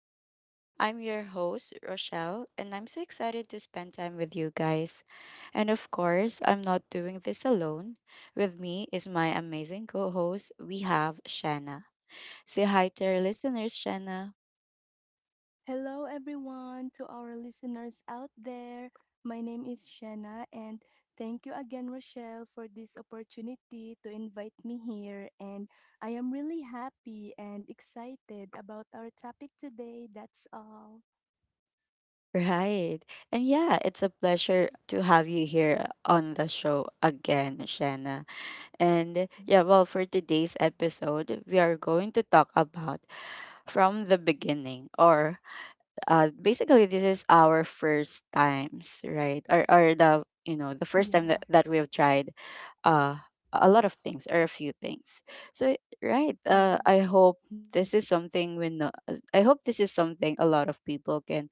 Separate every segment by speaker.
Speaker 1: talks. I'm your host, Rochelle, and I'm so excited to spend time with you guys. And of course, I'm not doing this alone. With me is my amazing co host, we have Shanna. Say hi to our listeners, Shanna.
Speaker 2: Hello, everyone, to our listeners out there. My name is Shanna, and thank you again, Rochelle, for this opportunity to invite me here. And I am really happy and excited about our topic today. That's all.
Speaker 1: Right. And yeah, it's a pleasure to have you here on the show again, Shanna. And yeah, well, for today's episode, we are going to talk about from the beginning or basically this is our first times, right? Or the, you know, the first time that,
Speaker 2: Yeah,
Speaker 1: we have tried uh a lot of things or a few things. So right,
Speaker 2: yeah.
Speaker 1: I hope this is something we know. I hope this is something a lot of people can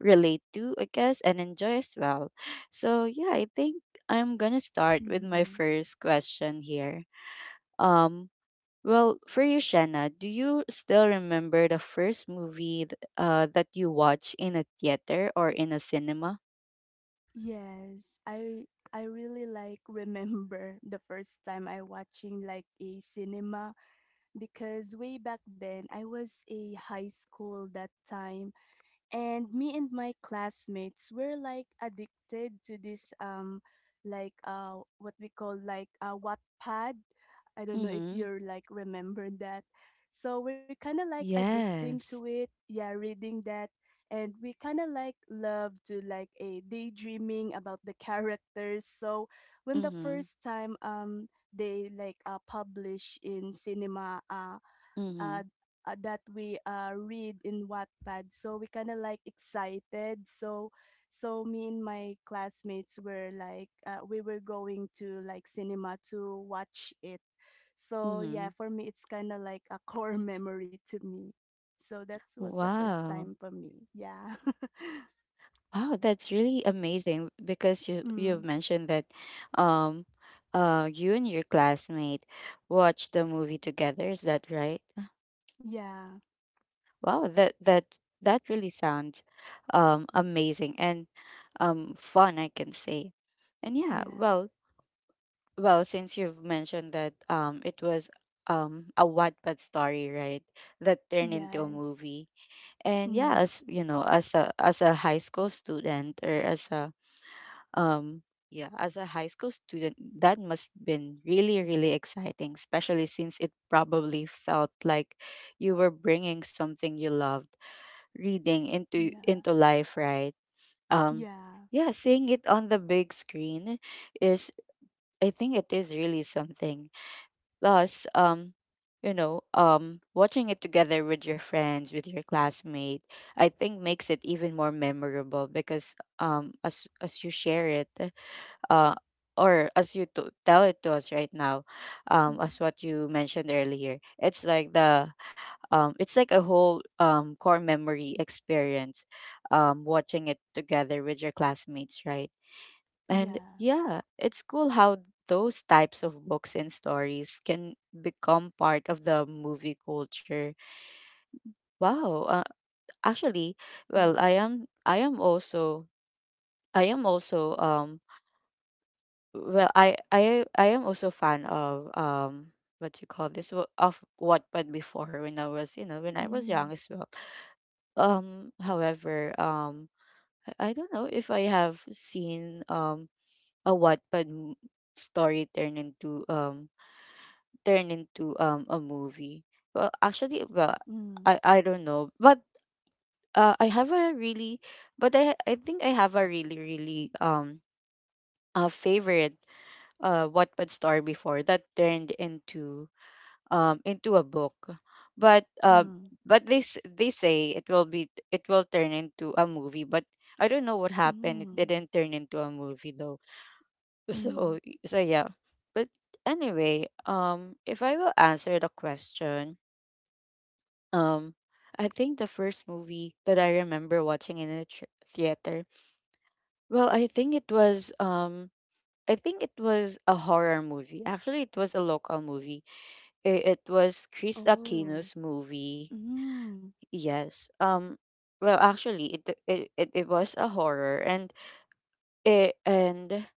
Speaker 1: relate to, I guess, and enjoy as well. So yeah, I think I'm gonna start with my
Speaker 2: Mhm.
Speaker 1: first question here. um well, for you, Shanna, do you still remember the first movie that you watched in a theater or in a cinema?
Speaker 2: Yes, I really like remember the first time I watching like a cinema because way back then I was a high school that time and me and my classmates were like addicted to this like what we call like Wattpad. I don't know if
Speaker 1: Mm-hmm.
Speaker 2: you're like remember that. So we're kind of like addicting to
Speaker 1: Yes.
Speaker 2: it. Yeah, reading that and we kind of like love to like a daydreaming about the characters. So when the
Speaker 1: Mm-hmm.
Speaker 2: first time they like publish in cinema
Speaker 1: Mm-hmm.
Speaker 2: uh, that we read in Wattpad. So we kind of like excited. So me and my classmates were like we were going to like cinema to watch it. So yeah,
Speaker 1: Mm-hmm.
Speaker 2: for me it's kind of like a core memory to me. So that was the first
Speaker 1: Wow.
Speaker 2: time for me. Yeah.
Speaker 1: Wow, that's really amazing because you you've
Speaker 2: mm,
Speaker 1: mentioned that um you and your classmate watched the movie together, is that right?
Speaker 2: yeah.
Speaker 1: Wow, that really sounds amazing and fun, I can say. And yeah,
Speaker 2: Yeah.
Speaker 1: well, well, since you've mentioned that it was a Wattpad story, right, that turned into a
Speaker 2: Yes.
Speaker 1: movie. And yeah,
Speaker 2: Mm,
Speaker 1: as you know, as a high school student or as a um yeah, as a high school student, that must been really, really exciting, especially since it probably felt like you were bringing something you loved reading into
Speaker 2: yeah.
Speaker 1: into life, right? Um,
Speaker 2: Yeah.
Speaker 1: yeah, seeing it on the big screen is, I think, it is really something. Plus, you know, watching it together with your friends, with your classmate, I think makes it even more memorable because as you share it, uh, or as you to tell it to us right now,
Speaker 2: Mm.
Speaker 1: as what you mentioned earlier, it's like the it's like a whole core memory experience, watching it together with your classmates, right? And
Speaker 2: Yeah.
Speaker 1: yeah, it's cool how those types of books and stories can become part of the movie culture. Wow. Actually, well,
Speaker 2: Yeah.
Speaker 1: I am also I am also well, I am also fan of what you call this of what, but before, when I was, you know, when I was
Speaker 2: Mm,
Speaker 1: young as well. However, I don't know if I have seen a Wattpad story turn into a movie. Well, actually, well,
Speaker 2: mm,
Speaker 1: I don't know, but I have a really, but I think I have a really really a favorite Wattpad story before that turned into a book. But uh,
Speaker 2: mm.
Speaker 1: but they say it will be it will turn into a movie. But I don't know what happened. It
Speaker 2: Mm,
Speaker 1: didn't turn into a movie though. So
Speaker 2: mm.
Speaker 1: so yeah. But anyway, if I will answer the question, um, I think the first movie that I remember watching in a theater. Well, I think it was I think it was a horror movie. Actually, it was a local movie. It was Chris
Speaker 2: Oh.
Speaker 1: Aquino's movie.
Speaker 2: Mm.
Speaker 1: Yes. Well, actually, it was a horror, and it, and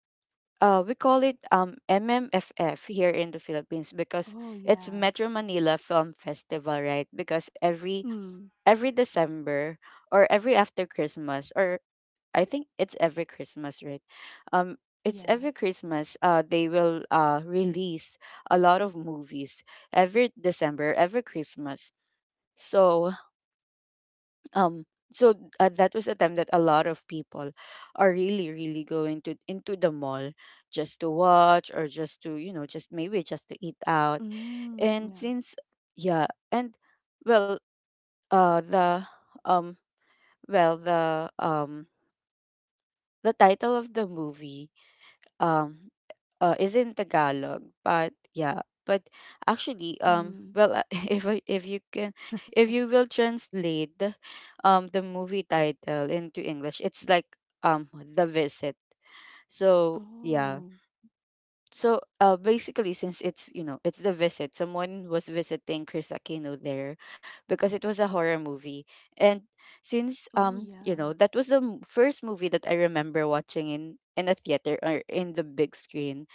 Speaker 1: we call it MMFF here in the Philippines because
Speaker 2: Oh,
Speaker 1: it's
Speaker 2: yeah.
Speaker 1: Metro Manila Film Festival, right? Because every
Speaker 2: Mm,
Speaker 1: every December or every after Christmas, or I think it's every Christmas, right? Um, it's
Speaker 2: yeah.
Speaker 1: every Christmas. They will release a lot of movies every December, every Christmas. So um that was a time that a lot of people are really really going to into the mall just to watch or just to, you know, just maybe just to eat out
Speaker 2: Mm,
Speaker 1: and
Speaker 2: yeah.
Speaker 1: since yeah and well the um well the title of the movie, um is in Tagalog, but yeah, but actually,
Speaker 2: Mm.
Speaker 1: well, if I, if you can, if you will translate, the movie title into English, it's like The Visit. So yeah,
Speaker 2: Oh.
Speaker 1: so basically, since it's, you know, it's The Visit, someone was visiting Chris Aquino there, because it was a horror movie, and since
Speaker 2: Oh,
Speaker 1: you know
Speaker 2: yeah.
Speaker 1: that was the first movie that I remember watching in a theater or in the big screen.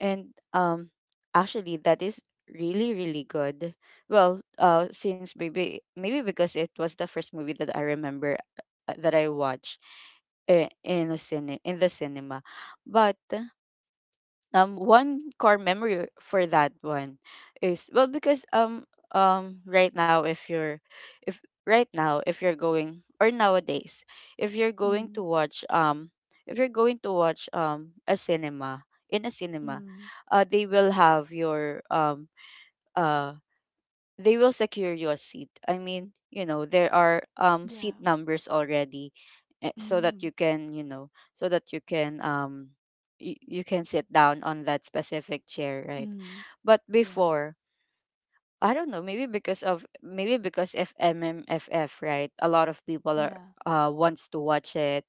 Speaker 1: And actually that is really really good. Well, since maybe because it was the first movie that I remember that I watched in a cine in the cinema. But one core memory for that one is well because right now if you're if right now if you're going or nowadays if you're going to
Speaker 2: Mm,
Speaker 1: watch if you're going to watch a cinema in a cinema
Speaker 2: mm.
Speaker 1: they will have your uh, they will secure you a seat. I mean, you know, there are seat
Speaker 2: Yeah.
Speaker 1: numbers already, eh, so that
Speaker 2: Mm,
Speaker 1: you can, you know, so that you can you, you can sit down on that specific chair, right?
Speaker 2: mm.
Speaker 1: But
Speaker 2: Yeah.
Speaker 1: before, I don't know, maybe because of maybe because if MMFF, right? A lot of people are
Speaker 2: Yeah.
Speaker 1: wants to watch it.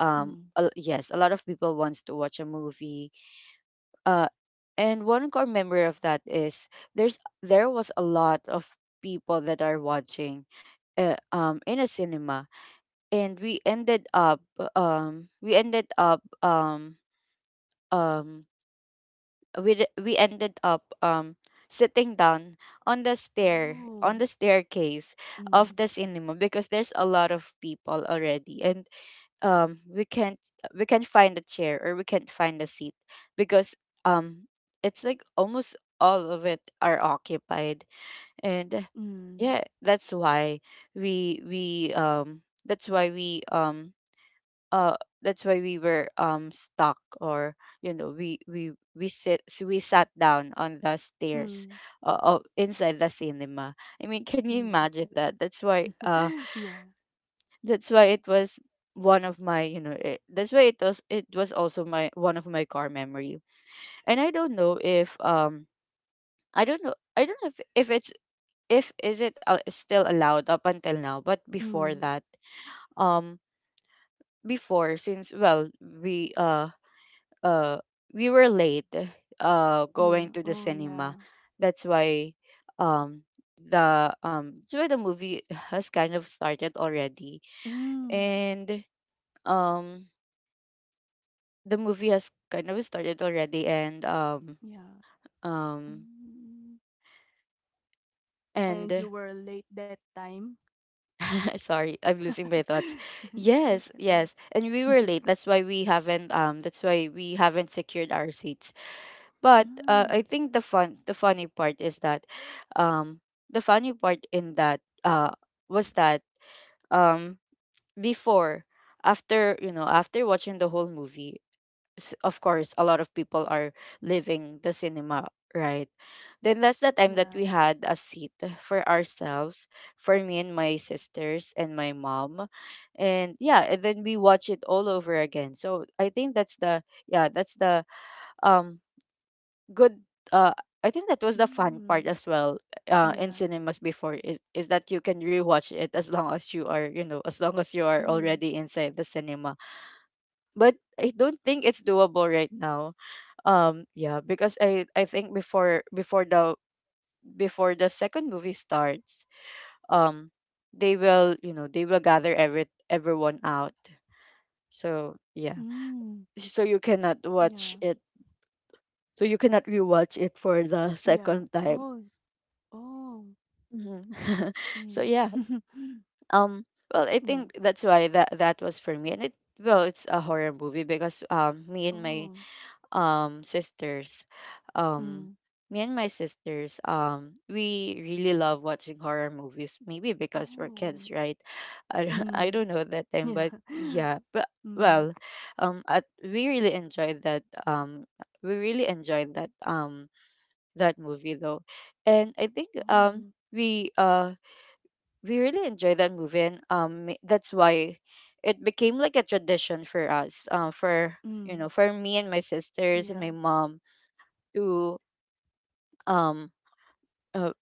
Speaker 2: Mm.
Speaker 1: Yes, a lot of people wants to watch a movie, uh, and one core memory of that is there was a lot of people that are watching in a cinema, and we ended up we ended up um we d- we ended up sitting down on the stair on
Speaker 2: Oh.
Speaker 1: the staircase
Speaker 2: Mm,
Speaker 1: of the cinema because there's a lot of people already and um we can't we can't find a chair or we can't find a seat because um it's like almost all of it are occupied. And
Speaker 2: mm.
Speaker 1: yeah, that's why we that's why we uh that's why we were stuck or you know we sit so we sat down on the stairs,
Speaker 2: Mm,
Speaker 1: of inside the cinema. I mean, can you
Speaker 2: mm.
Speaker 1: imagine that? That's why
Speaker 2: Yeah.
Speaker 1: that's why it was one of my, you know it, that's why it was also my one of my car memory. And I don't know if I don't know if it's if is it still allowed up until now, but before
Speaker 2: Mm.
Speaker 1: that um before, since well uh we were late going
Speaker 2: Yeah.
Speaker 1: to the
Speaker 2: Oh, yeah.
Speaker 1: cinema. That's why um the that's why the movie has kind of started already.
Speaker 2: Mm.
Speaker 1: And um the movie has kind of started already. And
Speaker 2: Yeah.
Speaker 1: um
Speaker 2: Mm. And you
Speaker 1: and
Speaker 2: were late that time.
Speaker 1: sorry, I'm losing my thoughts.
Speaker 2: It's
Speaker 1: Yes,
Speaker 2: okay.
Speaker 1: yes, and we were late, that's why we haven't that's why we haven't secured our seats. But I
Speaker 2: Mm,
Speaker 1: think the funny part is that um the funny part in that uh was that um before after, you know, after watching the whole movie, of course a lot of people are leaving the cinema, right? Then that's the time that we
Speaker 2: yeah.
Speaker 1: had a seat for ourselves, for me and my sisters and my mom. And yeah, and then we watch it all over again. So I think that's the, yeah, that's the um good uh I think that was the fun part
Speaker 2: Mm,
Speaker 1: as well, in
Speaker 2: yeah.
Speaker 1: cinemas before is that you can rewatch it as long as you are, you know, as long as you are
Speaker 2: Mm,
Speaker 1: already inside the cinema. But I don't think it's doable right now. Yeah, because I think before the second movie starts, um they will, you know, they will gather everyone out. So yeah,
Speaker 2: mm,
Speaker 1: so you cannot
Speaker 2: yeah.
Speaker 1: watch it, so you cannot rewatch it for the
Speaker 2: Yeah.
Speaker 1: second time.
Speaker 2: Oh, oh.
Speaker 1: Mhm. So
Speaker 2: Mm.
Speaker 1: yeah, well, I
Speaker 2: yeah.
Speaker 1: think that's why that that was for me and it well it's a horror movie because me and my
Speaker 2: Oh.
Speaker 1: sisters um
Speaker 2: Mm.
Speaker 1: me and my sisters we really love watching horror movies maybe because we're kids,
Speaker 2: Oh.
Speaker 1: right? I, I
Speaker 2: Mm.
Speaker 1: don't know at that time,
Speaker 2: Yeah.
Speaker 1: but yeah, but
Speaker 2: Mm.
Speaker 1: well at, we really enjoyed that we really enjoyed that um that movie though. And I think
Speaker 2: Oh.
Speaker 1: we uh we really enjoyed that movie. And that's why it became like a tradition for us, for you know
Speaker 2: Mm.
Speaker 1: for me and my sisters and my
Speaker 2: Yeah.
Speaker 1: mom to um uh,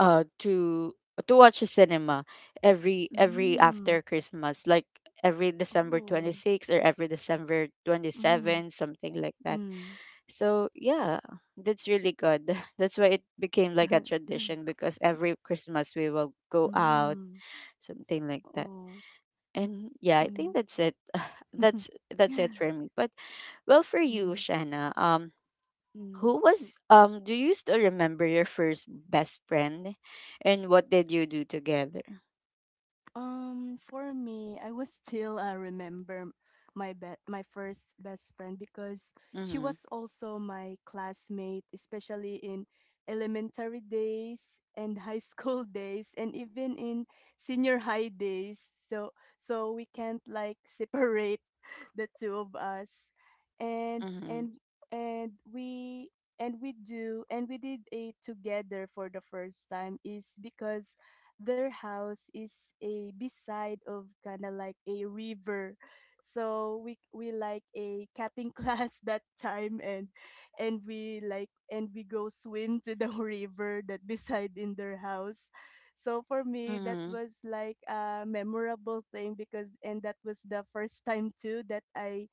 Speaker 1: uh to to watch a cinema every
Speaker 2: Mm.
Speaker 1: after Christmas, like every December
Speaker 2: Oh.
Speaker 1: 26th or every December
Speaker 2: Mm.
Speaker 1: 27th, something like that.
Speaker 2: Mm.
Speaker 1: So yeah, that's really good. That's why it became like a tradition because every Christmas we will go out,
Speaker 2: mm.
Speaker 1: something like that.
Speaker 2: Oh.
Speaker 1: And yeah, I
Speaker 2: Mm.
Speaker 1: think that's it. That's it for me. But well, for
Speaker 2: mm.
Speaker 1: you, Shanna,
Speaker 2: Mm.
Speaker 1: Who was do you still remember your first best friend and what did you do together?
Speaker 2: For me, I was still remember my first best friend because she
Speaker 1: Mhm.
Speaker 2: was also my classmate, especially in elementary days and high school days, and even in senior high days. So we can't like separate the two of us, and
Speaker 1: Mhm.
Speaker 2: and and we and we do and we did it together for the first time is because their house is a beside of kind of like a river so we like a cutting class that time and we like and we go swim to the river that beside in their house so for me that
Speaker 1: Mhm.
Speaker 2: was like a memorable thing because and that was the first time too that I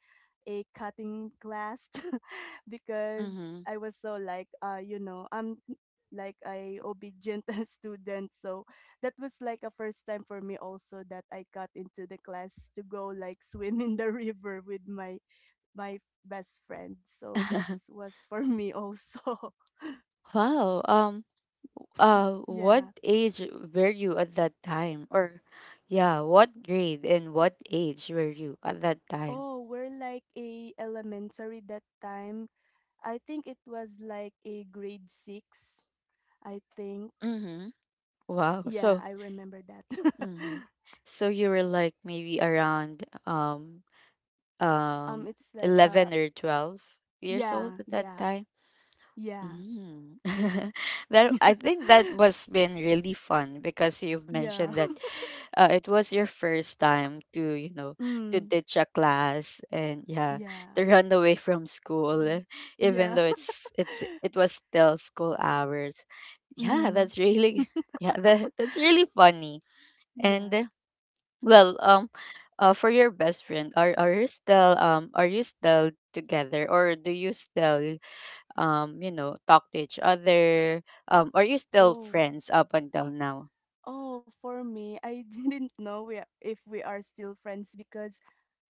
Speaker 2: a cutting class because
Speaker 1: Mhm.
Speaker 2: I was so like you know I'm like a obedient student so that was like a first time for me also that I got into the class to go like swim in the river with my my best friend. So that was for me also.
Speaker 1: Wow. What
Speaker 2: yeah.
Speaker 1: age were you at that time? What grade and what age were you at that time?
Speaker 2: Oh, we're like a elementary that time. I think it was like a grade 6. I think.
Speaker 1: Mhm. Wow.
Speaker 2: Yeah,
Speaker 1: So,
Speaker 2: I remember that.
Speaker 1: mhm. So you were like maybe around um
Speaker 2: It's like
Speaker 1: 11 or 12 years old
Speaker 2: yeah,
Speaker 1: at that
Speaker 2: yeah.
Speaker 1: time?
Speaker 2: Yeah.
Speaker 1: Mm. that I think that was been really fun because you've
Speaker 2: yeah.
Speaker 1: mentioned that it was your first time to to
Speaker 2: mm,
Speaker 1: ditch a class, and yeah,
Speaker 2: yeah.
Speaker 1: to run away from school,
Speaker 2: Mhm.
Speaker 1: eh, even
Speaker 2: Yeah.
Speaker 1: though it was still school hours. Yeah,
Speaker 2: Mm,
Speaker 1: that's really yeah that's really funny. And
Speaker 2: yeah.
Speaker 1: Well, for your best friend, are you still are you still together, or do you still you know, talk to each other? Are you still
Speaker 2: Oh,
Speaker 1: friends up until now?
Speaker 2: oh, for me, I didn't know we if we are still friends because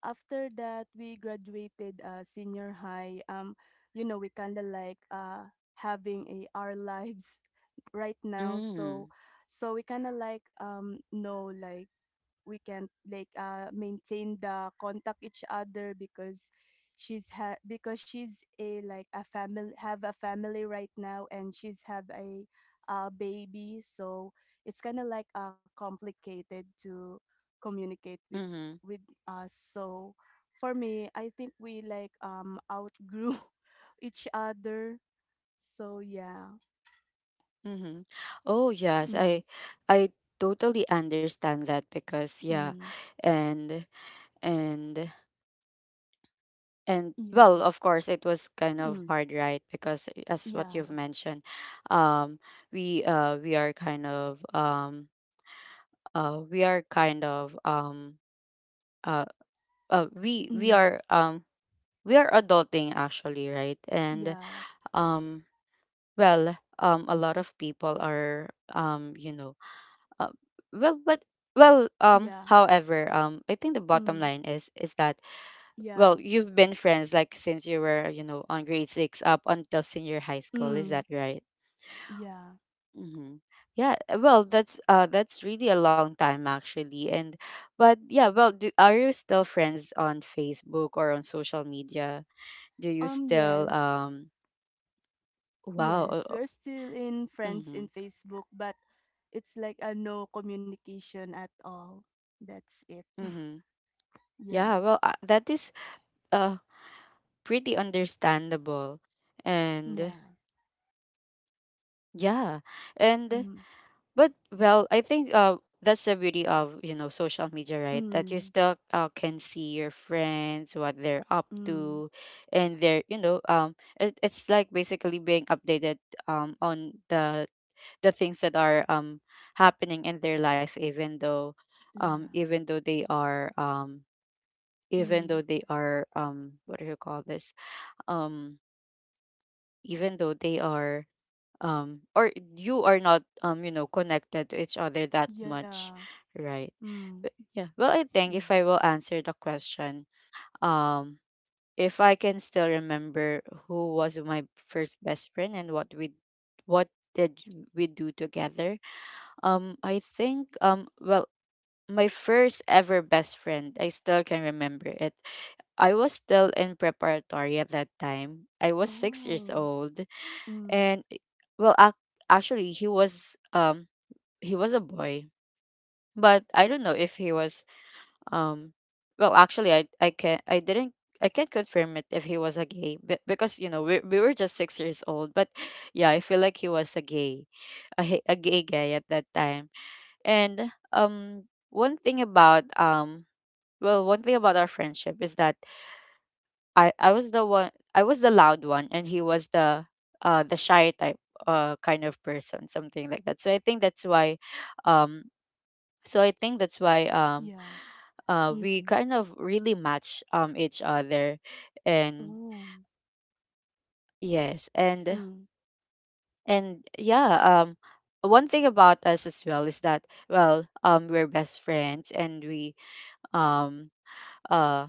Speaker 2: after that we graduated senior high. You know, we kind of like having a our lives right now. So,
Speaker 1: Mm.
Speaker 2: we kind of like know like we can't like maintain the contact each other because because she's a like a family have a family right now and she's have a baby so it's kind of like complicated to communicate
Speaker 1: Mm-hmm.
Speaker 2: with us so for me I think we like outgrew each other so yeah
Speaker 1: Mm-hmm. Oh yes,
Speaker 2: mm,
Speaker 1: I totally understand that because yeah,
Speaker 2: mm,
Speaker 1: and and and well,
Speaker 2: yeah
Speaker 1: of course it was kind of
Speaker 2: mm,
Speaker 1: hard, right? Because eh, as what you've
Speaker 2: yeah
Speaker 1: mentioned, um we are kind of we are kind of uh, uh we we
Speaker 2: mm,
Speaker 1: are um we are adulting actually, right? And
Speaker 2: yeah
Speaker 1: um a lot of people are you know, uh, well but well
Speaker 2: yeah
Speaker 1: however I think the bottom
Speaker 2: mm.
Speaker 1: line is that
Speaker 2: Yeah.
Speaker 1: well, you've been friends like since you were, you know, on grade 6 up until senior high school, is
Speaker 2: Mm.
Speaker 1: that right?
Speaker 2: Yeah.
Speaker 1: Mm-hmm. Yeah, well that's really a long time actually. And but yeah, well are you still friends on Facebook or on social media? Do you still
Speaker 2: Yes.
Speaker 1: wow.
Speaker 2: Yes, we're still in friends
Speaker 1: Mm-hmm.
Speaker 2: in Facebook, but it's like a no communication at all. That's it.
Speaker 1: Mm-hmm. Yeah,
Speaker 2: yeah.
Speaker 1: well, that is uh pretty understandable, and
Speaker 2: Yeah.
Speaker 1: yeah, and
Speaker 2: Mm.
Speaker 1: but well, I think that's the beauty of, you know, social media, right? That you
Speaker 2: Mm.
Speaker 1: still can see your friends, what they're up
Speaker 2: Mm.
Speaker 1: to, and they're, you know, it's like basically being updated on the things that are happening in their life,
Speaker 2: Yeah.
Speaker 1: even though they are even
Speaker 2: Mm.
Speaker 1: though they are what do you call this um even though they are or you are not, you know, connected to each other that
Speaker 2: Yeah.
Speaker 1: much, right?
Speaker 2: Mm.
Speaker 1: But yeah, well, I think
Speaker 2: Yeah.
Speaker 1: if I will answer the question, um if I can still remember who was my first best friend and what we what did we do together, I think, well, my first ever best friend, I still can remember it. I was still in preparatory at that time. I was 6 years
Speaker 2: Oh.
Speaker 1: old,
Speaker 2: Mm.
Speaker 1: and well ac- actually he was a boy, but I don't know if he was um well, actually, I can't confirm it if he was a gay, but because, you know, we were just 6 years old. But yeah, I feel like he was a gay, a gay guy at that time. And um one thing about um well, one thing about our friendship is that I was the loud one and he was the shy type, kind of person, something like that. So I think that's why um so I think that's why um
Speaker 2: Yeah.
Speaker 1: we
Speaker 2: Mm.
Speaker 1: kind of really match each other, and
Speaker 2: Oh.
Speaker 1: yes. and
Speaker 2: Mm.
Speaker 1: and yeah, one thing about us as well is that, well, we're best friends and we um uh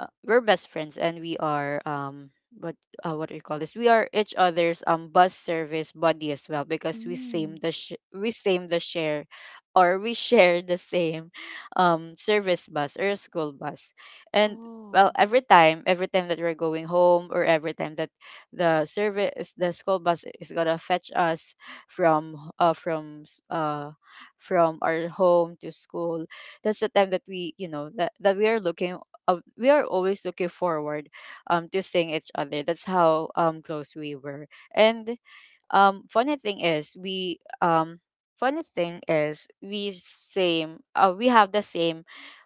Speaker 1: we're best friends and we are what what do you call this we are each other's bus service buddy as well because we same
Speaker 2: Mm.
Speaker 1: the sh- we same the share or we share the same service bus or school bus. And
Speaker 2: Oh.
Speaker 1: Well, every time, that we're going home, or every time that the service, the school bus, is gonna fetch us from h- from s- from our home to school, that's the time that we, you know, that we are looking, we are always looking forward to seeing each other. That's how close we were. And Funny thing is we funny thing is we same we have the same,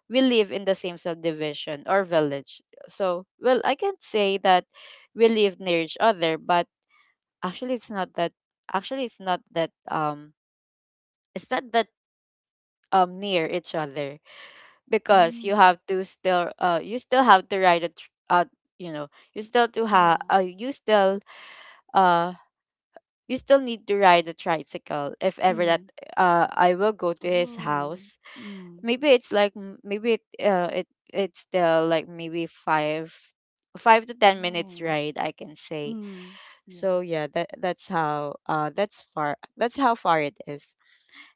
Speaker 1: we live in the same subdivision or village. So well, I can't say that we live near each other, but actually it's not that, actually it's not that it's not that near each other because you have
Speaker 2: Mm.
Speaker 1: to still you still have to write you know, you still to have uh
Speaker 2: Yeah.
Speaker 1: you still uh you still need to ride a tricycle if ever that
Speaker 2: Mm.
Speaker 1: I will go to his
Speaker 2: Oh.
Speaker 1: house.
Speaker 2: Mm.
Speaker 1: Maybe it's like maybe it's still like maybe five, 5 to 10 minutes
Speaker 2: Oh.
Speaker 1: ride, I can say.
Speaker 2: Mm,
Speaker 1: So
Speaker 2: yeah.
Speaker 1: yeah, that's how that's far, that's how far it is.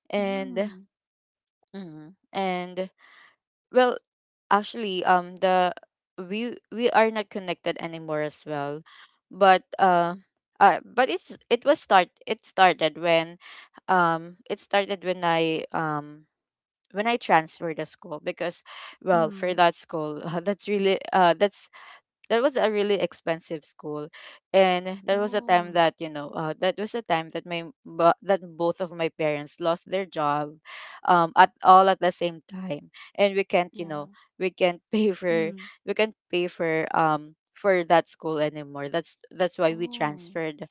Speaker 1: And
Speaker 2: Mm,
Speaker 1: mm, and well, actually, the we are not connected anymore as well, but uh but it started when I when I transferred the school. Because well, for
Speaker 2: mm.
Speaker 1: that school, that's really that's that was a really expensive school, and there was a time
Speaker 2: Oh,
Speaker 1: that, you know, that was a time that that both of my parents lost their job at the same time, and we can't, you know,
Speaker 2: yeah.
Speaker 1: we can't pay for,
Speaker 2: Mm.
Speaker 1: we can't pay for, for that school anymore. That's why we
Speaker 2: Oh.
Speaker 1: transferred,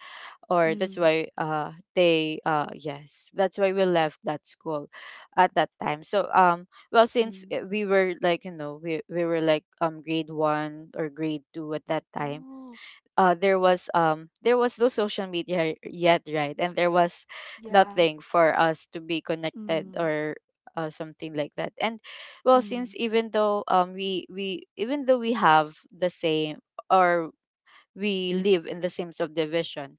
Speaker 1: or that's
Speaker 2: Mm,
Speaker 1: why they yes, that's why we left that school at that time. So well, since,
Speaker 2: mm.
Speaker 1: we were like, you know, we were like grade one or grade two at that time,
Speaker 2: Oh,
Speaker 1: there was, there was no social media yet, right? And there was
Speaker 2: yeah.
Speaker 1: nothing for us to be connected
Speaker 2: Mm,
Speaker 1: or something like that. And well, since,
Speaker 2: mm,
Speaker 1: even though we even though we have the same, or we live in the same subdivision,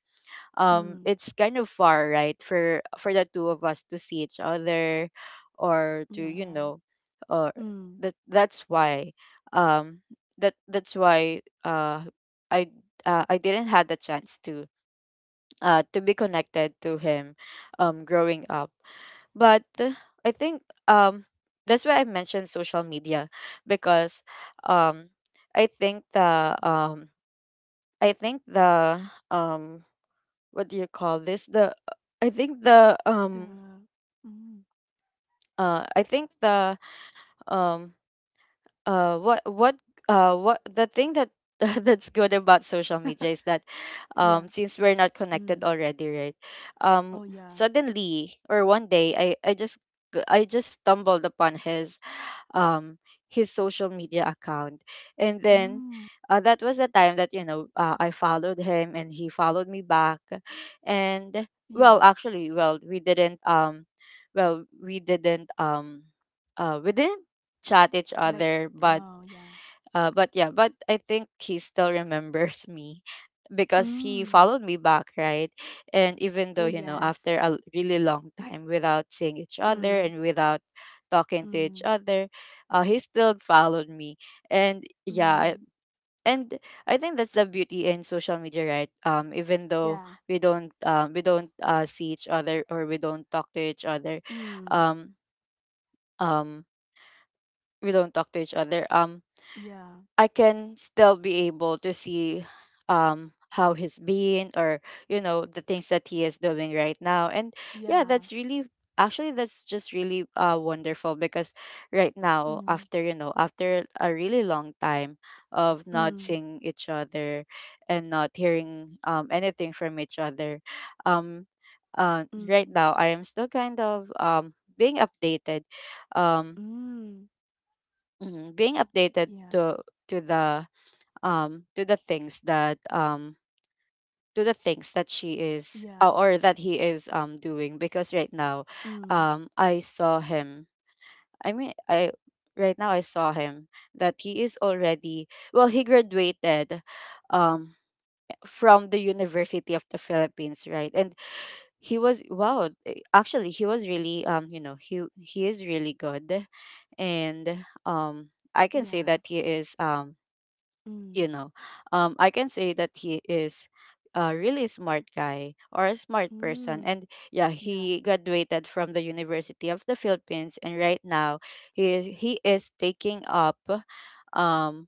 Speaker 2: mm.
Speaker 1: it's kind of far, right, for the two of us to see each other, or to, you
Speaker 2: Yeah.
Speaker 1: know, or
Speaker 2: Mm.
Speaker 1: that, that's why um that's why I I didn't had the chance to be connected to him growing up. But I think, that's why I mentioned social media, because um I think the um I think the um what do you call this the I think the
Speaker 2: The mm.
Speaker 1: I think the um uh what what what the thing that that's good about social media is that,
Speaker 2: Yeah.
Speaker 1: since we're not connected
Speaker 2: Mm.
Speaker 1: already, right, um
Speaker 2: Oh, yeah.
Speaker 1: suddenly, or one day, I just stumbled upon um his social media account. And then
Speaker 2: Mm.
Speaker 1: that was the time that, you know, I followed him and he followed me back. And well,
Speaker 2: Yeah.
Speaker 1: actually, well we didn't chat each
Speaker 2: Like
Speaker 1: other,
Speaker 2: oh, yeah.
Speaker 1: but yeah, but I think he still remembers me because he
Speaker 2: Mm.
Speaker 1: followed me back, right? And
Speaker 2: Oh,
Speaker 1: even though, you know,
Speaker 2: yes.
Speaker 1: after really long time without seeing each other
Speaker 2: Mm,
Speaker 1: and without talking to each
Speaker 2: mm,
Speaker 1: other, he still followed me. And yeah, I-
Speaker 2: mm.
Speaker 1: and I think that's the beauty in social media, right? Even though
Speaker 2: Yeah.
Speaker 1: we don't see each other, or we don't talk to each other,
Speaker 2: Mm.
Speaker 1: um, um, we don't talk to each other.
Speaker 2: Yeah.
Speaker 1: I can still be able to see how he's been or the things that he is doing right now. And yeah
Speaker 2: Yeah.
Speaker 1: that's really actually that's just really wonderful, because right now,
Speaker 2: Mm.
Speaker 1: after after a really long time of not
Speaker 2: Mm.
Speaker 1: seeing each other and not hearing anything from each other, um right
Speaker 2: Mm.
Speaker 1: now I am still kind of being updated, um
Speaker 2: Mm.
Speaker 1: mhm, being updated
Speaker 2: Yeah,
Speaker 1: to to the to the things that to the things that she is
Speaker 2: yeah,
Speaker 1: or that he is doing. Because right now,
Speaker 2: mm,
Speaker 1: I saw him, I mean I right now I saw him, that he is already, well, he graduated um from the University of the Philippines, right? And he was wow, eh, actually he was really, he is really good. And I can say that
Speaker 2: yeah,
Speaker 1: he is you
Speaker 2: mm,
Speaker 1: know I can say that he is a really smart guy or a smart person.
Speaker 2: mm,
Speaker 1: And yeah,
Speaker 2: yeah,
Speaker 1: he graduated from the University of the Philippines, and right now he is taking up um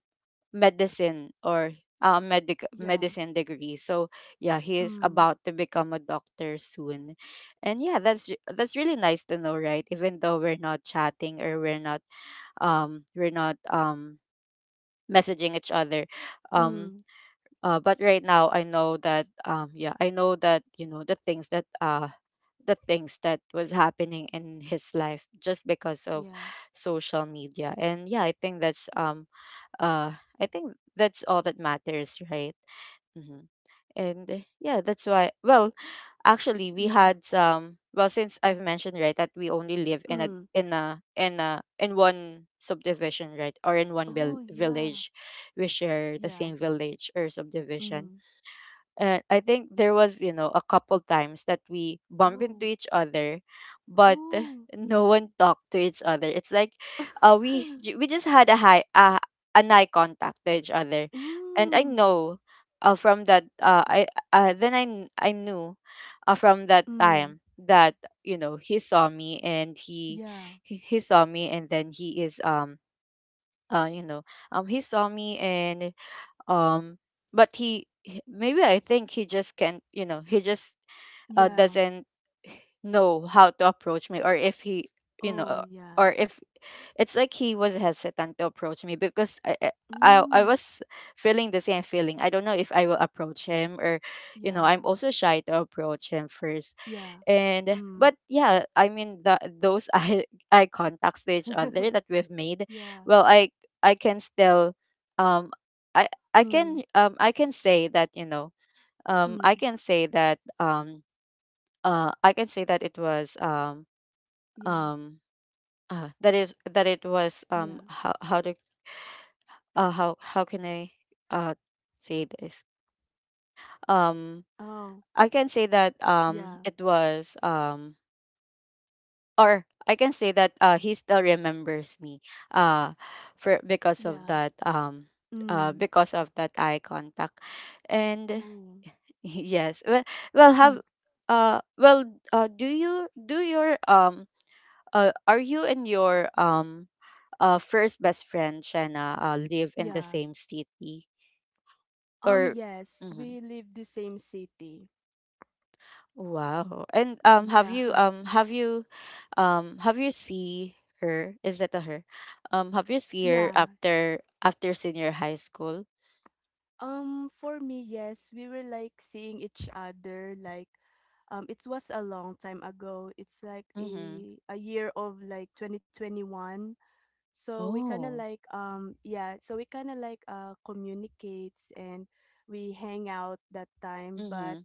Speaker 1: medicine, or
Speaker 2: yeah,
Speaker 1: medicine degree. So yeah, he is
Speaker 2: mm,
Speaker 1: about to become a doctor soon. And yeah, that's that's really nice to know, right? Even though we're not chatting or we're not um we're not um messaging each other. um
Speaker 2: mm,
Speaker 1: but right now I know that, yeah, I know that, the things that the things that was happening in his life, just because of
Speaker 2: yeah,
Speaker 1: social media. And yeah, I think that's I think that's all that matters, right? Mm-hmm. And yeah, that's why. Well, actually we
Speaker 2: yeah,
Speaker 1: had some, well, since I've mentioned, right, that we only live in a
Speaker 2: mm.
Speaker 1: in one subdivision, right? Or in one
Speaker 2: Oh yeah,
Speaker 1: village. We share the
Speaker 2: yeah,
Speaker 1: same village or subdivision.
Speaker 2: mm.
Speaker 1: And I think there was, you know, a couple times that we bump into
Speaker 2: Oh,
Speaker 1: each other, but
Speaker 2: oh,
Speaker 1: no one talked to each other. It's like, we just had a high an eye contact to each other. And I
Speaker 2: mm,
Speaker 1: know, from that I then I I knew, from that
Speaker 2: mm.
Speaker 1: time that, you know, he saw me and
Speaker 2: Yeah,
Speaker 1: he saw me, and then he is uh you know he saw me. And um but maybe, I think he just can't, you know, he just
Speaker 2: yeah.
Speaker 1: doesn't know how to approach me. Or if he, you know
Speaker 2: Oh
Speaker 1: uh,
Speaker 2: yeah,
Speaker 1: or if it's like he was hesitant to approach me, because I
Speaker 2: mm,
Speaker 1: was feeling the same feeling. I don't know if I will approach him, or, you know,
Speaker 2: yeah,
Speaker 1: I'm also shy to approach him first.
Speaker 2: yeah,
Speaker 1: And
Speaker 2: mm.
Speaker 1: but yeah, I mean, those eye contacts to each other that we've made.
Speaker 2: Yeah,
Speaker 1: Well, I can still um i I can
Speaker 2: mm,
Speaker 1: I can say that, you know, um i
Speaker 2: mm.
Speaker 1: can say that um I can say that it was
Speaker 2: Yeah,
Speaker 1: um that is that it was
Speaker 2: yeah.
Speaker 1: how to how can I uh say this? Um
Speaker 2: Oh,
Speaker 1: I can say that
Speaker 2: yeah,
Speaker 1: it was Or I can say that, he still remembers me, uh, for because of
Speaker 2: yeah,
Speaker 1: that,
Speaker 2: mm.
Speaker 1: because of that eye contact. And
Speaker 2: Oh.
Speaker 1: yes, well, well have well do you do your are you and your first best friend Shanna live in the
Speaker 2: Yeah.
Speaker 1: same city, or
Speaker 2: Yes,
Speaker 1: mhm.
Speaker 2: we live the same city.
Speaker 1: Wow. And
Speaker 2: Yeah.
Speaker 1: have you see her? Is that a her? Have you see her
Speaker 2: Yeah.
Speaker 1: after after senior high school?
Speaker 2: For me, yes, we were like seeing each other like it was a long time ago. It's like
Speaker 1: Mm-hmm.
Speaker 2: a year of like 2021. So we kind of
Speaker 1: Oh.
Speaker 2: like yeah, so we kind of like communicates and we hang out that time, but
Speaker 1: Mm-hmm.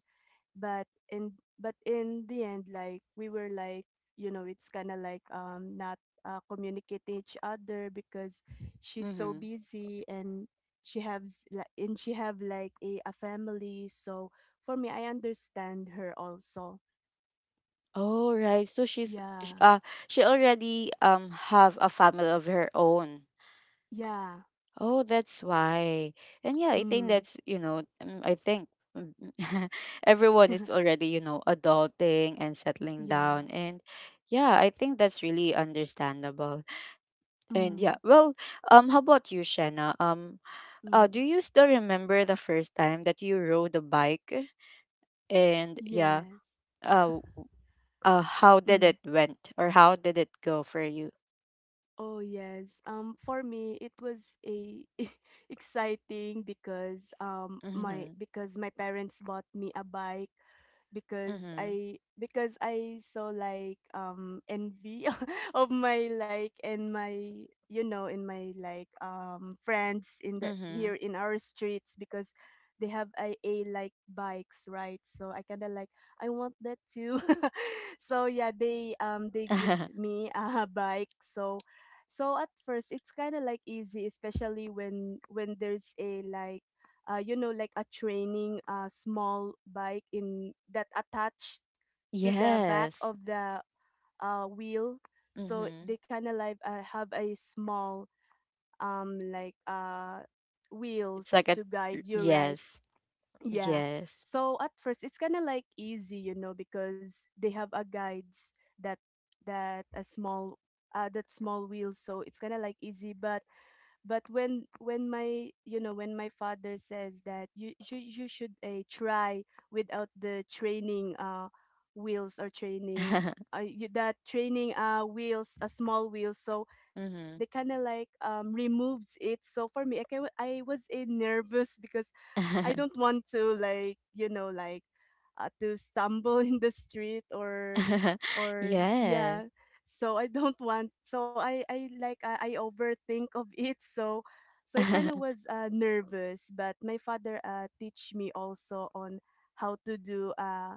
Speaker 2: but in but in the end like we were like you know it's kind of like not communicating each other because she's so
Speaker 1: Mm-hmm.
Speaker 2: busy and she has li- and she have like a family so for me I understand her also
Speaker 1: Oh right. So she's sh-
Speaker 2: yeah
Speaker 1: uh she already have a family of her own.
Speaker 2: yeah
Speaker 1: Oh, that's why. And yeah, I think
Speaker 2: mm.
Speaker 1: that's, you know, I think um, everyone is already, you know, adulting and settling
Speaker 2: yeah
Speaker 1: down. And yeah, I think that's really understandable. And yeah,
Speaker 2: mm.
Speaker 1: well, how about you, Shanna? Do
Speaker 2: Mm.
Speaker 1: you still remember the first time that you rode a bike? And yeah,
Speaker 2: yes
Speaker 1: uh, how did it
Speaker 2: mm.
Speaker 1: went, or how did it go for you?
Speaker 2: Oh yes. For me it was a exciting because my
Speaker 1: Mm-hmm.
Speaker 2: because my parents bought me a bike
Speaker 1: Mm-hmm.
Speaker 2: because I saw like envy of my like and my you know in my like friends in the
Speaker 1: Mm-hmm.
Speaker 2: here in our streets because they have a like bikes right so I kind of like I want that too so yeah they gift me a bike so so at first it's kind of like easy especially when there's a like you know like a training small bike in that attached to the back
Speaker 1: Yes.
Speaker 2: of the wheel so
Speaker 1: Mm-hmm.
Speaker 2: they kind of like have a small um like uh
Speaker 1: It's
Speaker 2: wheels
Speaker 1: like a
Speaker 2: to guide you right
Speaker 1: yes,
Speaker 2: yeah.
Speaker 1: yes.
Speaker 2: So at first it's kind of like easy, you know, because they have a guides that that a small that small wheels, so it's kind of like easy, but when my you know when my father says that you should try without the training wheels or training you, that training wheels a small wheels so they kind
Speaker 1: Mm-hmm.
Speaker 2: of like removes it so for me I, can, I was nervous because I don't want to like you know like to stumble in the street or
Speaker 1: Yes.
Speaker 2: yeah so I don't want so I like I overthink of it so so I kind of was nervous but my father teach me also on how to do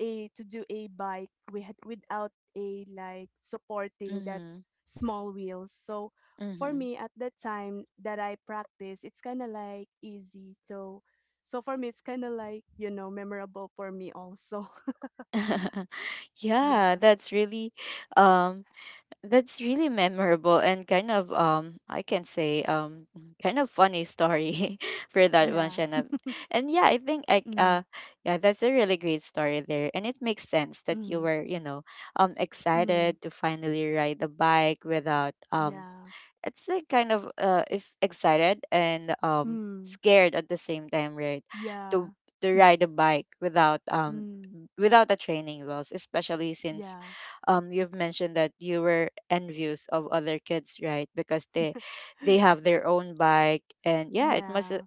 Speaker 2: a to do a bike we had without a like supporting that
Speaker 1: Mm-hmm.
Speaker 2: small wheels so for
Speaker 1: Mm-hmm.
Speaker 2: me at that time that I practice it's kind of like easy so so for me it's kind of like you know memorable for me also
Speaker 1: Yeah,
Speaker 2: yeah
Speaker 1: um that's really memorable, and kind of, um, I can say, kind of funny story for that one,
Speaker 2: yeah
Speaker 1: Shanna. And yeah, I think I
Speaker 2: mm
Speaker 1: yeah, that's a really great story there, and it makes sense that you
Speaker 2: mm
Speaker 1: were, you know, um,
Speaker 2: mm
Speaker 1: excited to finally ride the bike without, um,
Speaker 2: Yeah.
Speaker 1: it's like kind of is excited and
Speaker 2: Mm.
Speaker 1: scared at the same time, right?
Speaker 2: Yeah.
Speaker 1: to to ride a bike without
Speaker 2: Mm.
Speaker 1: without a training wheels, especially since,
Speaker 2: Yeah.
Speaker 1: um, you've mentioned that you were envious of other kids, right? Because they have their own bike. And yeah,
Speaker 2: Yeah.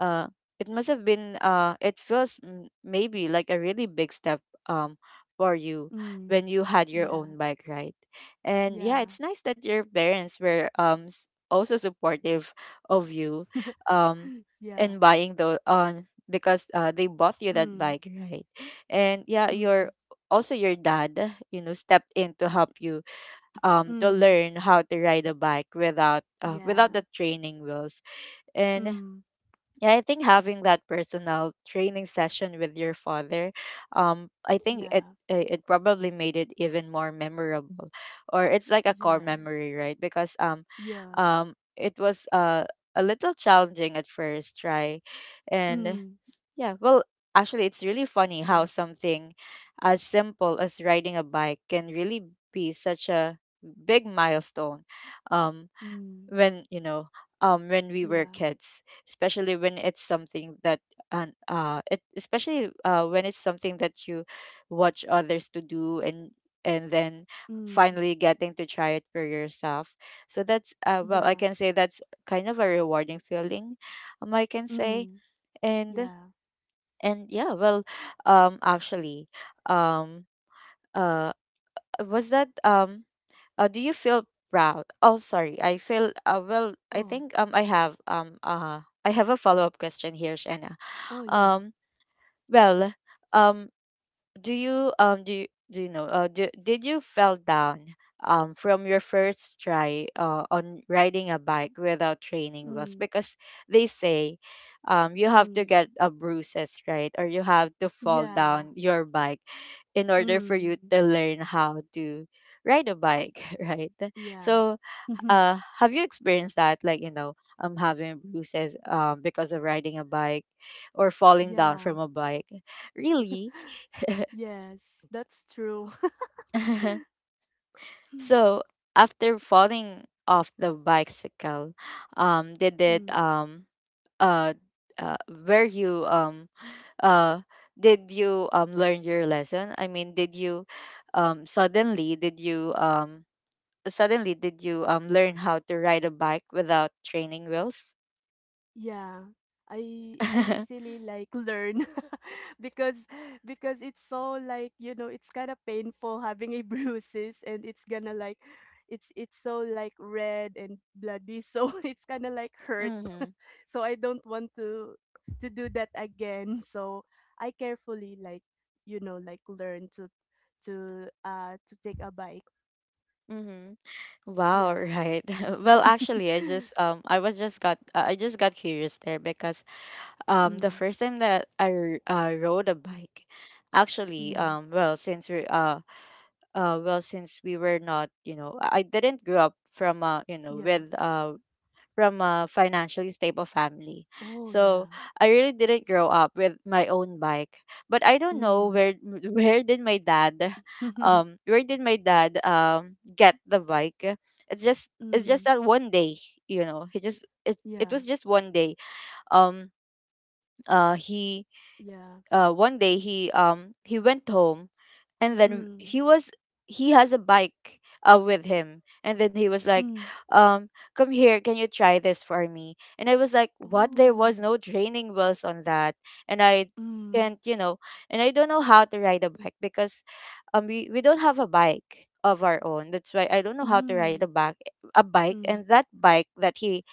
Speaker 1: uh it must have been, uh, it feels maybe like a really big step, um, for you
Speaker 2: Mm.
Speaker 1: when you had your
Speaker 2: Yeah.
Speaker 1: own bike, right? And yeah,
Speaker 2: Yeah.
Speaker 1: it's nice that your parents were, also supportive of you, um, in
Speaker 2: Yeah.
Speaker 1: buying the on, because they bought you that
Speaker 2: Mm.
Speaker 1: bike, right? And yeah, your
Speaker 2: Mm.
Speaker 1: also your dad, you know, stepped in to help you, um, to
Speaker 2: Mm.
Speaker 1: learn how to ride a bike without, without
Speaker 2: Yeah.
Speaker 1: the training wheels. And
Speaker 2: Mm.
Speaker 1: yeah, I think having that personal training session with your father, I think it
Speaker 2: Yeah.
Speaker 1: it it probably made it even more memorable, or it's like a core
Speaker 2: Yeah.
Speaker 1: memory, right? Because um,
Speaker 2: Yeah.
Speaker 1: um, it was, a little challenging at first try. And
Speaker 2: Mm.
Speaker 1: yeah, well, actually, it's really funny how
Speaker 2: Yes.
Speaker 1: something as simple as riding a bike can really be such a big milestone, um,
Speaker 2: Mm.
Speaker 1: when you know, when we were
Speaker 2: Yeah.
Speaker 1: kids, especially when it's something that and it especially, uh, when it's something that you watch others to do, and then
Speaker 2: Mm.
Speaker 1: finally getting to try it for yourself. So that's, uh, well, I
Speaker 2: Yeah.
Speaker 1: can say that's kind of a rewarding feeling, um, I can say.
Speaker 2: Mm.
Speaker 1: and
Speaker 2: Yeah.
Speaker 1: and yeah, well, actually um uh was that do you feel proud? Oh, sorry. I feel, well. I
Speaker 2: Oh.
Speaker 1: think I have a follow up question here, Shanna.
Speaker 2: Oh yeah.
Speaker 1: Um, well, um, do you do you know did you fell down, um, from your first try on riding a bike without training wheels,
Speaker 2: Mm.
Speaker 1: because they say, um, you have to
Speaker 2: Mm.
Speaker 1: get a bruises, right? Or you have to fall
Speaker 2: Yeah.
Speaker 1: down your bike in order for
Speaker 2: Mm.
Speaker 1: you to learn how to ride a bike right?
Speaker 2: Yeah.
Speaker 1: So, have you experienced that, like, you know, um, having bruises, um, because of riding a bike, or falling down
Speaker 2: Yeah.
Speaker 1: from a bike really?
Speaker 2: Yes, that's true.
Speaker 1: So after falling off the bicycle, um, did it
Speaker 2: Mm,
Speaker 1: uh, uh were you uh did you, um, learn your lesson? I mean, did you, um suddenly did you um suddenly did you, um, learn how to ride a bike without training wheels?
Speaker 2: yeah. I easily like learn because because it's so like, you know, it's kind of painful having a bruises and it's gonna like it's so like red and bloody so it's kind of like hurt.
Speaker 1: Mm-hmm.
Speaker 2: so I don't want to do that again. So I carefully like, you know, like learn to to take a bike.
Speaker 1: Mm-hmm. Wow,
Speaker 2: Yeah.
Speaker 1: right. Well, actually, I just I just got curious there, because, um, the
Speaker 2: mm,
Speaker 1: first time that I rode a bike, actually,
Speaker 2: mm.
Speaker 1: well since we well, since we were not, you know, I didn't grow up from,
Speaker 2: Yeah.
Speaker 1: with, uh, from a financially stable family.
Speaker 2: Oh,
Speaker 1: So
Speaker 2: yeah.
Speaker 1: I really didn't grow up with my own bike. But I don't know
Speaker 2: Mm.
Speaker 1: where where did my dad where did my dad, um, get the bike. It's just,
Speaker 2: Mm.
Speaker 1: that one day, you know, he just, it
Speaker 2: Yeah.
Speaker 1: was just one day. Um he
Speaker 2: Yeah.
Speaker 1: One day he, um, he went home, and then
Speaker 2: Mm.
Speaker 1: he was, he has a bike, with him, and then he was like,
Speaker 2: Mm.
Speaker 1: um, come here, can you try this for me? And I was like, what? There was
Speaker 2: Oh.
Speaker 1: no training wheels on that. And I
Speaker 2: Mm,
Speaker 1: can't, you know, and I don't know how to ride a bike, because, um, we don't have a bike of our own. That's why I don't know how to ride a
Speaker 2: mm,
Speaker 1: bike
Speaker 2: mm.
Speaker 1: and that bike that he,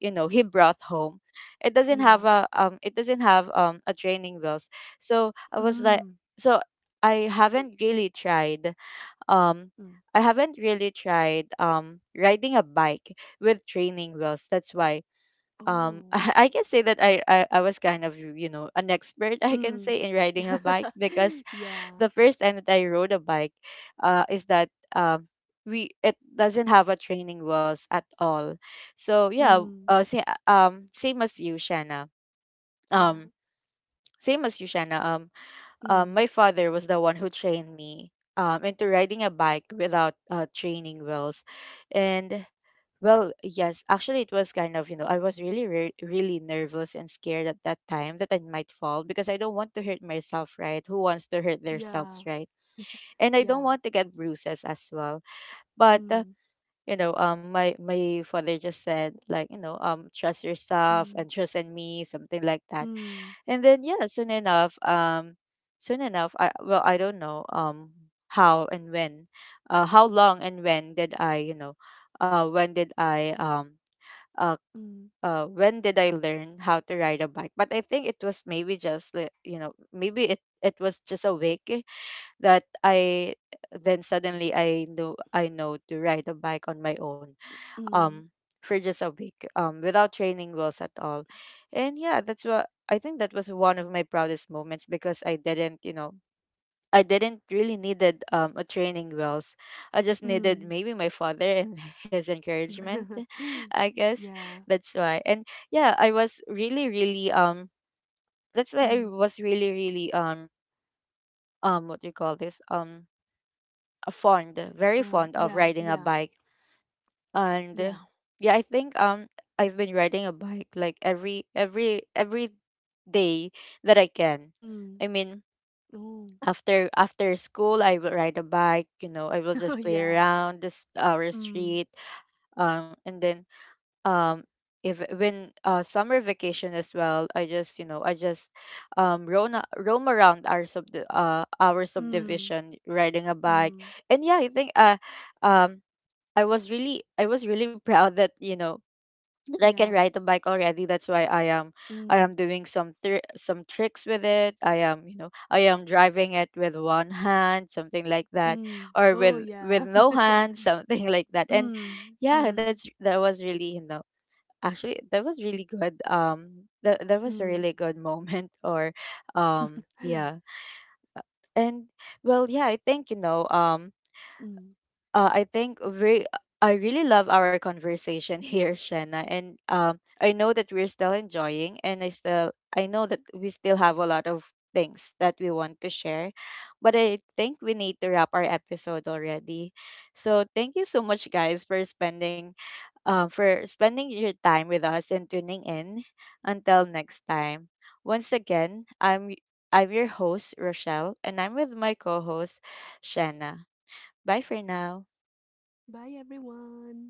Speaker 1: you know, he brought home, it doesn't
Speaker 2: Yeah.
Speaker 1: have a, um, it doesn't have, um, a training wheels. So I was like,
Speaker 2: Mm,
Speaker 1: so I haven't really tried. Um,
Speaker 2: mm,
Speaker 1: I haven't really tried, um, riding a bike with training wheels. That's why, um,
Speaker 2: Oh.
Speaker 1: I can say that I was kind of, you know, an expert, I can
Speaker 2: mm,
Speaker 1: say, in riding a bike. Because
Speaker 2: Yeah.
Speaker 1: the first time that I rode a bike, is that, um, we, it doesn't have a training wheels at all. So yeah,
Speaker 2: mm,
Speaker 1: say, same as you, Shanna.
Speaker 2: Yeah.
Speaker 1: Um, same as you, Shanna. Um
Speaker 2: mm,
Speaker 1: my father was the one who trained me, into riding a bike without, training wheels. And well, yes, actually, it was kind of, you know, I was really, really nervous and scared at that time, that I might fall, because I don't want to hurt myself, right? Who wants to hurt
Speaker 2: Yeah.
Speaker 1: themselves, right? And I don't
Speaker 2: Yeah.
Speaker 1: want to get bruises as well. But
Speaker 2: mm,
Speaker 1: you know, my father just said like, you know, trust yourself
Speaker 2: mm,
Speaker 1: and trust in me, something like that.
Speaker 2: mm,
Speaker 1: And then yeah, soon enough, I, well, I don't know, um, how and when, how long and when did I, you know, uh, when did I um uh
Speaker 2: mm,
Speaker 1: when did I learn how to ride a bike? But I think it was maybe just you know, maybe it was just a week that I, then suddenly I know, I know to ride a bike on my own,
Speaker 2: mm,
Speaker 1: um, for just a week, um, without training wheels at all. And yeah, that's what, I think that was one of my proudest moments, because I didn't, you know, I didn't really needed, um, a training wheels. I just needed
Speaker 2: mm,
Speaker 1: maybe my father and his encouragement, I guess.
Speaker 2: Yeah.
Speaker 1: That's why. And yeah, I was really really, um, that's why I
Speaker 2: mm,
Speaker 1: was really really, um, what do you call this, um, fond, very fond of
Speaker 2: Yeah,
Speaker 1: riding a
Speaker 2: yeah,
Speaker 1: bike. And
Speaker 2: yeah.
Speaker 1: yeah, I think, um, I've been riding a bike like every day that I can.
Speaker 2: mm.
Speaker 1: I mean,
Speaker 2: Oh.
Speaker 1: after after school I will ride a bike, you know, I will
Speaker 2: Oh,
Speaker 1: just play
Speaker 2: yeah.
Speaker 1: around this our
Speaker 2: Mm,
Speaker 1: street, um, and then, um, if when, uh, summer vacation as well, I just, you know, I just, um, roam roam around our sub our
Speaker 2: mm,
Speaker 1: subdivision riding a bike.
Speaker 2: mm.
Speaker 1: And yeah, I think, um I was really proud that, you know, that I can
Speaker 2: Yeah.
Speaker 1: ride a bike already. That's why I am, I
Speaker 2: Mm,
Speaker 1: am doing some thr some tricks with it. I am, you know, I am driving it with one hand, something like that,
Speaker 2: mm.
Speaker 1: or
Speaker 2: Oh, yeah.
Speaker 1: with no hand, something like that. And
Speaker 2: Mm,
Speaker 1: yeah,
Speaker 2: mm,
Speaker 1: that's that was really, you know, actually that was really good. That that was a
Speaker 2: mm,
Speaker 1: really good moment. Or, yeah, and well, yeah, I think, you know,
Speaker 2: mm.
Speaker 1: I think we, I really love our conversation here, Shanna, and, I know that we're still enjoying, and I know that we still have a lot of things that we want to share, but I think we need to wrap our episode already. So thank you so much, guys, for spending your time with us and tuning in. Until next time, once again, I'm your host Rochelle, and I'm with my co-host Shanna. Bye for now.
Speaker 2: Bye, everyone.